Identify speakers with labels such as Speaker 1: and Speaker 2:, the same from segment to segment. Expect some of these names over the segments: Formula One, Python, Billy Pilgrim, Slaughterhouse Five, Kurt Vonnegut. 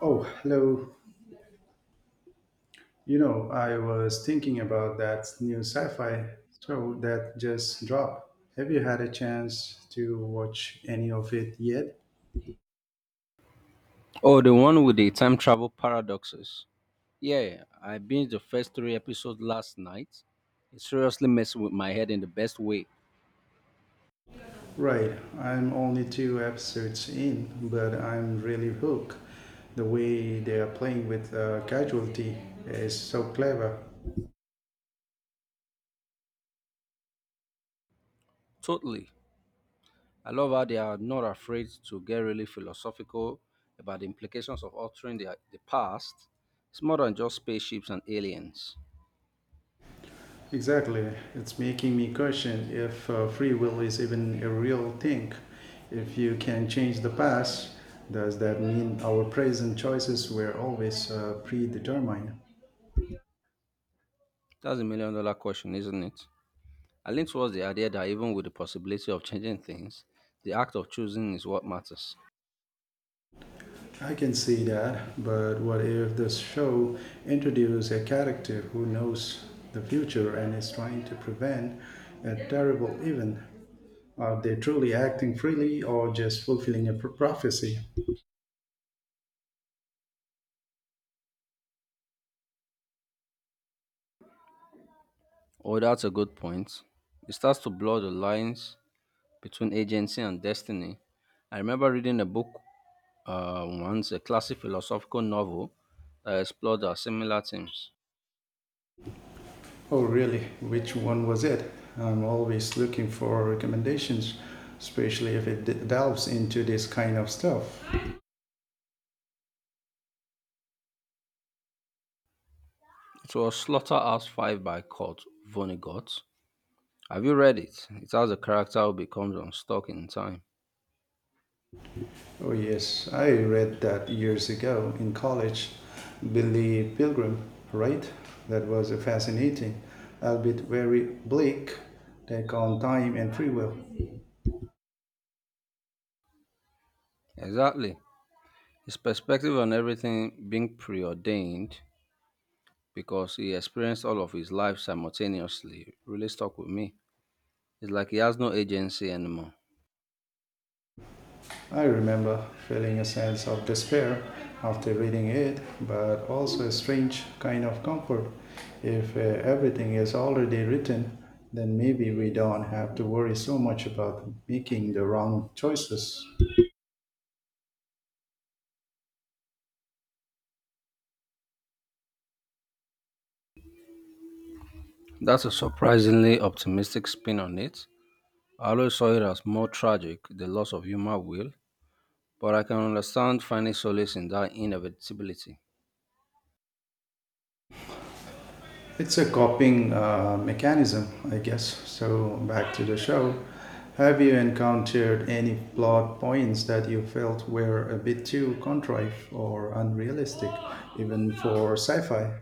Speaker 1: Oh, hello. You know, I was thinking about that new sci fi show that just dropped. Have you had a chance to watch any of it yet?
Speaker 2: Oh, the one with the time travel paradoxes. Yeah, I binged the first three episodes last night. It seriously messing with my head in the best way.
Speaker 1: Right, I'm only two episodes in, but I'm really hooked. The way they are playing with casualty is so clever.
Speaker 2: Totally. I love how they are not afraid to get really philosophical about the implications of altering the past. It's more than just spaceships and aliens.
Speaker 1: Exactly. It's making me question if free will is even a real thing. If you can change the past, does that mean our present choices were always predetermined?
Speaker 2: That's a million dollar question, isn't it? I lean towards the idea that even with the possibility of changing things, the act of choosing is what matters.
Speaker 1: I can see that, but what if the show introduces a character who knows the future and is trying to prevent a terrible event? Are they truly acting freely or just fulfilling a prophecy?
Speaker 2: Oh, that's a good point. It starts to blur the lines between agency and destiny. I remember reading a book once, a classic philosophical novel that explored similar themes.
Speaker 1: Oh, really? Which one was it? I'm always looking for recommendations, especially if it delves into this kind of stuff.
Speaker 2: It was Slaughterhouse Five by Kurt Vonnegut. Have you read it? It has a character who becomes unstuck in time.
Speaker 1: Oh, yes, I read that years ago in college. Billy Pilgrim, right? That was a fascinating, albeit very bleak, take on time and free will.
Speaker 2: Exactly. His perspective on everything being preordained because he experienced all of his life simultaneously really stuck with me. It's like he has no agency anymore.
Speaker 1: I remember feeling a sense of despair after reading it, but also a strange kind of comfort. If everything is already written, then maybe we don't have to worry so much about making the wrong choices.
Speaker 2: That's a surprisingly optimistic spin on it. I always saw it as more tragic, the loss of human will, but I can understand finding solace in that inevitability.
Speaker 1: It's a coping mechanism, I guess. So, back to the show. Have you encountered any plot points that you felt were a bit too contrived or unrealistic, even for sci fi?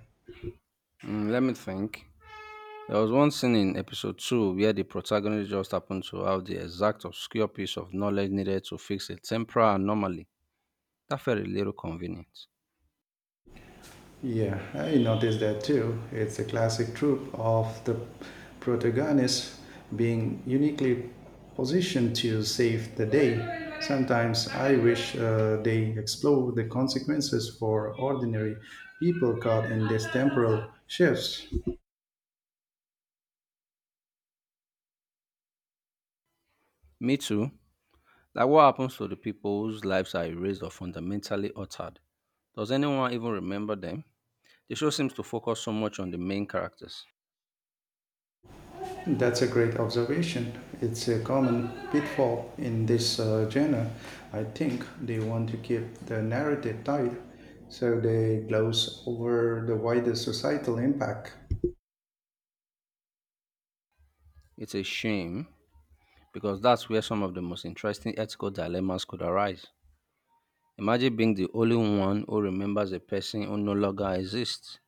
Speaker 2: Mm, let me think. There was one scene in episode 2 where the protagonist just happened to have the exact obscure piece of knowledge needed to fix a temporal anomaly. That felt a little convenient.
Speaker 1: Yeah, I noticed that too. It's a classic trope of the protagonist being uniquely positioned to save the day. Sometimes I wish they explore the consequences for ordinary people caught in these temporal shifts.
Speaker 2: Me too. Like what happens to the people whose lives are erased or fundamentally altered? Does anyone even remember them? The show seems to focus so much on the main characters.
Speaker 1: That's a great observation. It's a common pitfall in this genre. I think they want to keep the narrative tight, so they gloss over the wider societal impact.
Speaker 2: It's a shame because that's where some of the most interesting ethical dilemmas could arise. Imagine being the only one who remembers a person who no longer exists.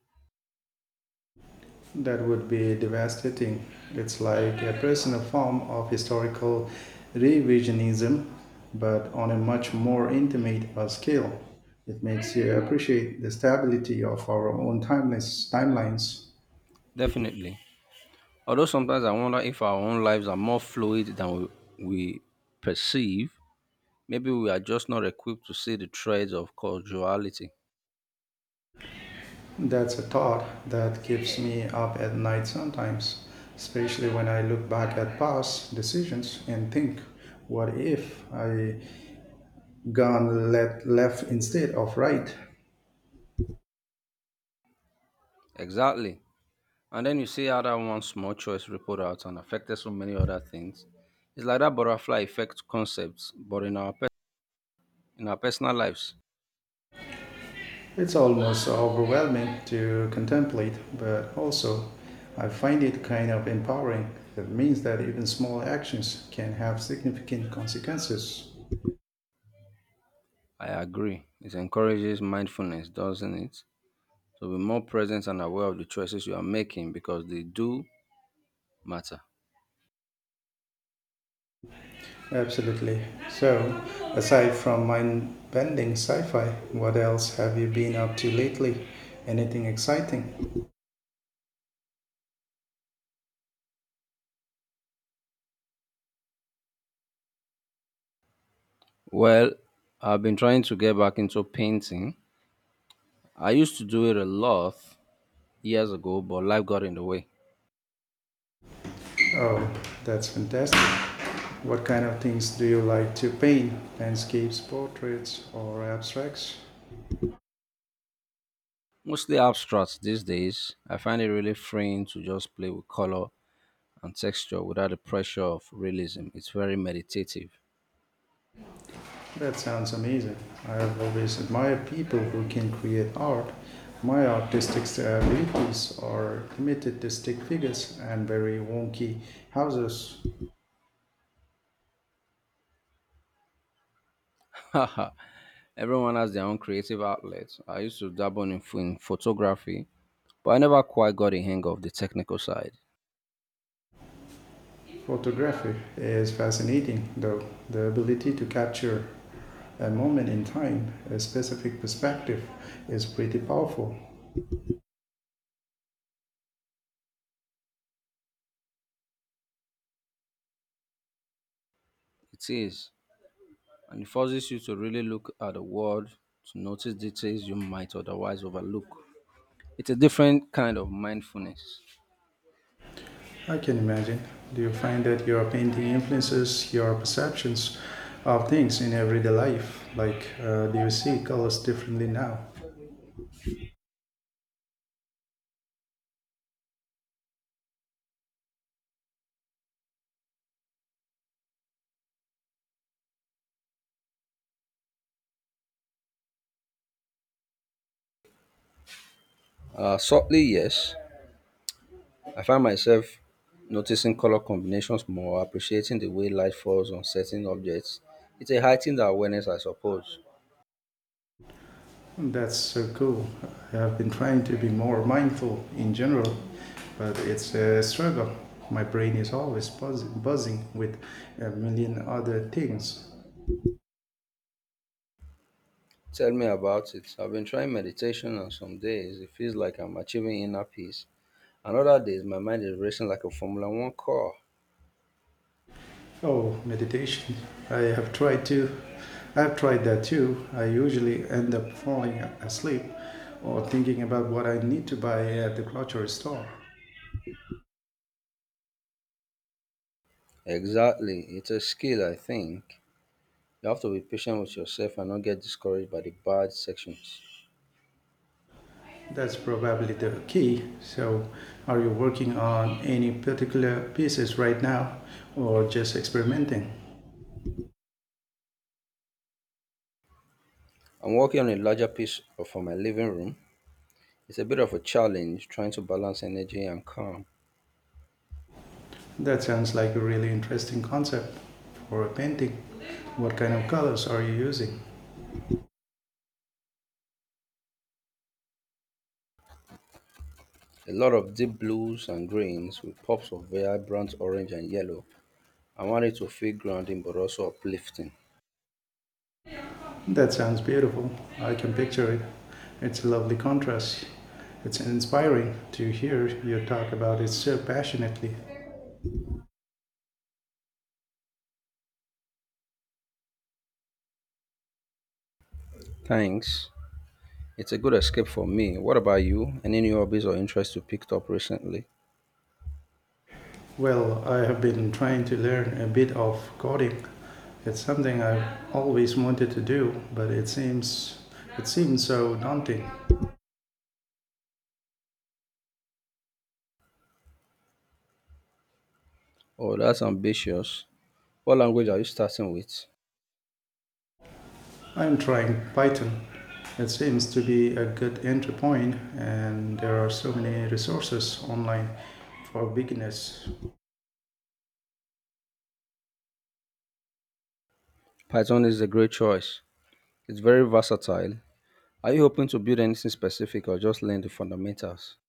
Speaker 1: That would be devastating. It's like a personal form of historical revisionism, but on a much more intimate scale. It makes you appreciate the stability of our own timeless timelines.
Speaker 2: Definitely. Although sometimes I wonder if our own lives are more fluid than we perceive, maybe we are just not equipped to see the threads of causality.
Speaker 1: That's a thought that keeps me up at night sometimes, especially when I look back at past decisions and think, what if I gone let left instead of right?
Speaker 2: Exactly. And then you see how that one small choice rippled out and affected so many other things. It's like that butterfly effect concept, but in in our personal lives.
Speaker 1: It's almost so overwhelming to contemplate, but also I find it kind of empowering. It means that even small actions can have significant consequences.
Speaker 2: I agree. It encourages mindfulness, doesn't it? To be more present and aware of the choices you are making because they do matter.
Speaker 1: Absolutely. So, aside from mind bending sci fi, what else have you been up to lately? Anything exciting?
Speaker 2: Well, I've been trying to get back into painting. I used to do it a lot years ago, but life got in the way.
Speaker 1: Oh, that's fantastic. What kind of things do you like to paint? Landscapes, portraits, or abstracts?
Speaker 2: Mostly abstracts these days. I find it really freeing to just play with color and texture without the pressure of realism. It's very meditative.
Speaker 1: That sounds amazing. I have always admired people who can create art. My artistic abilities are limited to stick figures and very wonky houses.
Speaker 2: Everyone has their own creative outlet. I used to dabble in photography. But I never quite got a hang of the technical side.
Speaker 1: Photography is fascinating, though. The ability to capture a moment in time, a specific perspective, is pretty powerful.
Speaker 2: It is, and it forces you to really look at the world to notice details you might otherwise overlook. It's a different kind of mindfulness.
Speaker 1: I can imagine. Do you find that your painting influences your perceptions of things in everyday life? Like, do you see colors differently now?
Speaker 2: Subtly, yes, I find myself noticing color combinations more, appreciating the way light falls on certain objects. It's a heightened awareness, I suppose.
Speaker 1: That's so cool. I have been trying to be more mindful in general, but it's a struggle. My brain is always buzzing with a million other things.
Speaker 2: Tell me about it. I've been trying meditation, and some days it feels like I'm achieving inner peace. And other days, my mind is racing like a Formula One car.
Speaker 1: Oh, meditation. I have tried to. I've tried that too. I usually end up falling asleep or thinking about what I need to buy at the grocery store.
Speaker 2: Exactly. It's a skill, I think. You have to be patient with yourself and not get discouraged by the bad sections.
Speaker 1: That's probably the key. So, are you working on any particular pieces right now or just experimenting?
Speaker 2: I'm working on a larger piece for my living room. It's a bit of a challenge trying to balance energy and calm.
Speaker 1: That sounds like a really interesting concept for a painting. What kind of colors are you using?
Speaker 2: A lot of deep blues and greens with pops of vibrant orange and yellow. I want it to feel grounding but also uplifting.
Speaker 1: That sounds beautiful. I can picture it. It's a lovely contrast. It's inspiring to hear you talk about it so passionately.
Speaker 2: Thanks. It's a good escape for me. What about you? Any new hobbies or interests you picked up recently?
Speaker 1: Well, I have been trying to learn a bit of coding. It's something I've always wanted to do, but it seems so daunting.
Speaker 2: Oh, that's ambitious. What language are you starting with?
Speaker 1: I'm trying Python. It seems to be a good entry point and there are so many resources online for beginners.
Speaker 2: Python is a great choice. It's very versatile. Are you hoping to build anything specific or just learn the fundamentals?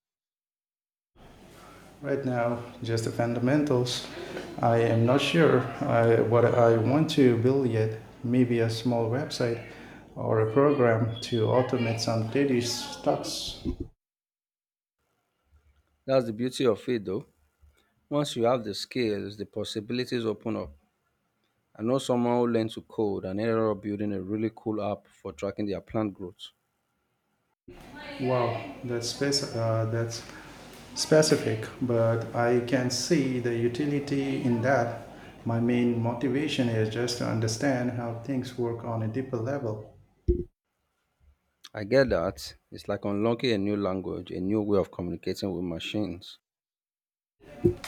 Speaker 1: Right now, just the fundamentals. I am not sure what I want to build yet. Maybe a small website or a program to automate some daily tasks.
Speaker 2: That's the beauty of it though. Once you have the skills, the possibilities open up. I know someone who learned to code and ended up building a really cool app for tracking their plant growth.
Speaker 1: Wow, that's specific, but I can see the utility in that. My main motivation is just to understand how things work on a deeper level.
Speaker 2: I get that. It's like unlocking a new language, a new way of communicating with machines.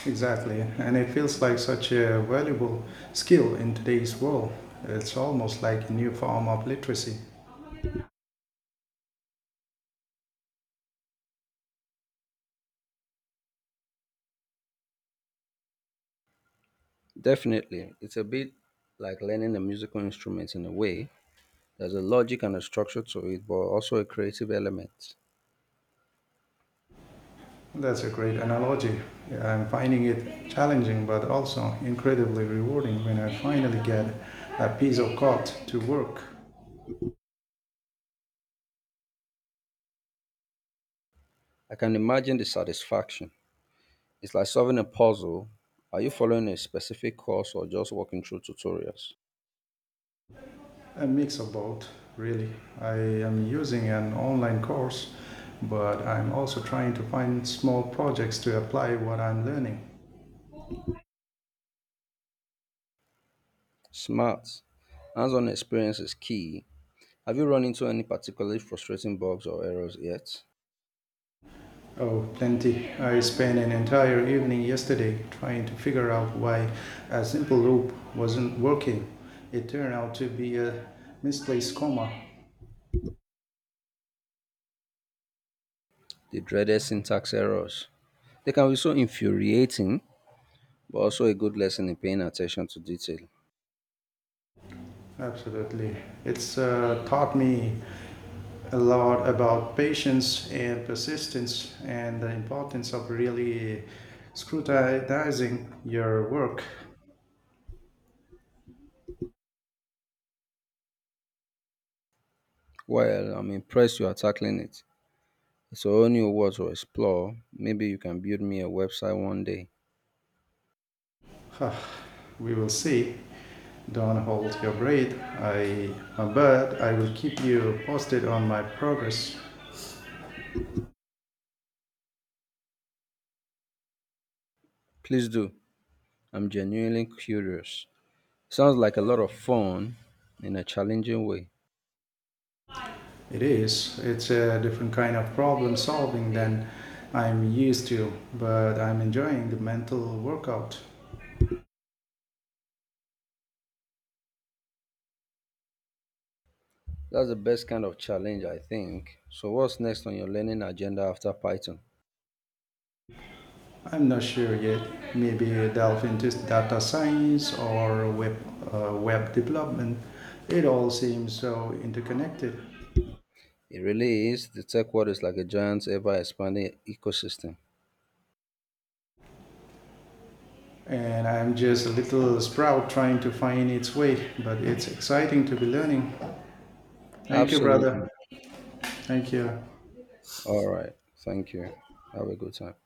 Speaker 1: Exactly, and it feels like such a valuable skill in today's world. It's almost like a new form of literacy.
Speaker 2: Definitely. It's a bit like learning a musical instrument in a way. There's a logic and a structure to it, but also a creative element.
Speaker 1: That's a great analogy. I'm finding it challenging but also incredibly rewarding when I finally get a piece of code to work.
Speaker 2: I can imagine the satisfaction. It's like solving a puzzle. Are you following a specific course or just walking through tutorials?
Speaker 1: A mix of both, really. I am using an online course, but I'm also trying to find small projects to apply what I'm learning.
Speaker 2: Smart. Hands on experience is key. Have you run into any particularly frustrating bugs or errors yet?
Speaker 1: Oh, plenty. I spent an entire evening yesterday trying to figure out why a simple loop wasn't working. It turned out to be a misplaced comma.
Speaker 2: The dreaded syntax errors. They can be so infuriating, but also a good lesson in paying attention to detail.
Speaker 1: Absolutely. It's taught me a lot about patience and persistence and the importance of really scrutinizing your work.
Speaker 2: Well, I'm impressed you are tackling it. It's a whole new world to explore. Maybe you can build me a website one day.
Speaker 1: Huh, we will see. Don't hold your breath. I, but I will keep you posted on my progress.
Speaker 2: Please do. I'm genuinely curious. Sounds like a lot of fun in a challenging way.
Speaker 1: It is. It's a different kind of problem solving than I'm used to, but I'm enjoying the mental workout.
Speaker 2: That's the best kind of challenge, I think. So, what's next on your learning agenda after Python?
Speaker 1: I'm not sure yet. Maybe delve into data science or web development. It all seems so interconnected.
Speaker 2: It really is. The tech world is like a giant, ever expanding ecosystem.
Speaker 1: And I'm just a little sprout trying to find its way, but it's exciting to be learning. Thank you, brother.
Speaker 2: Absolutely.
Speaker 1: Thank you.
Speaker 2: All right. Thank you. Have a good time.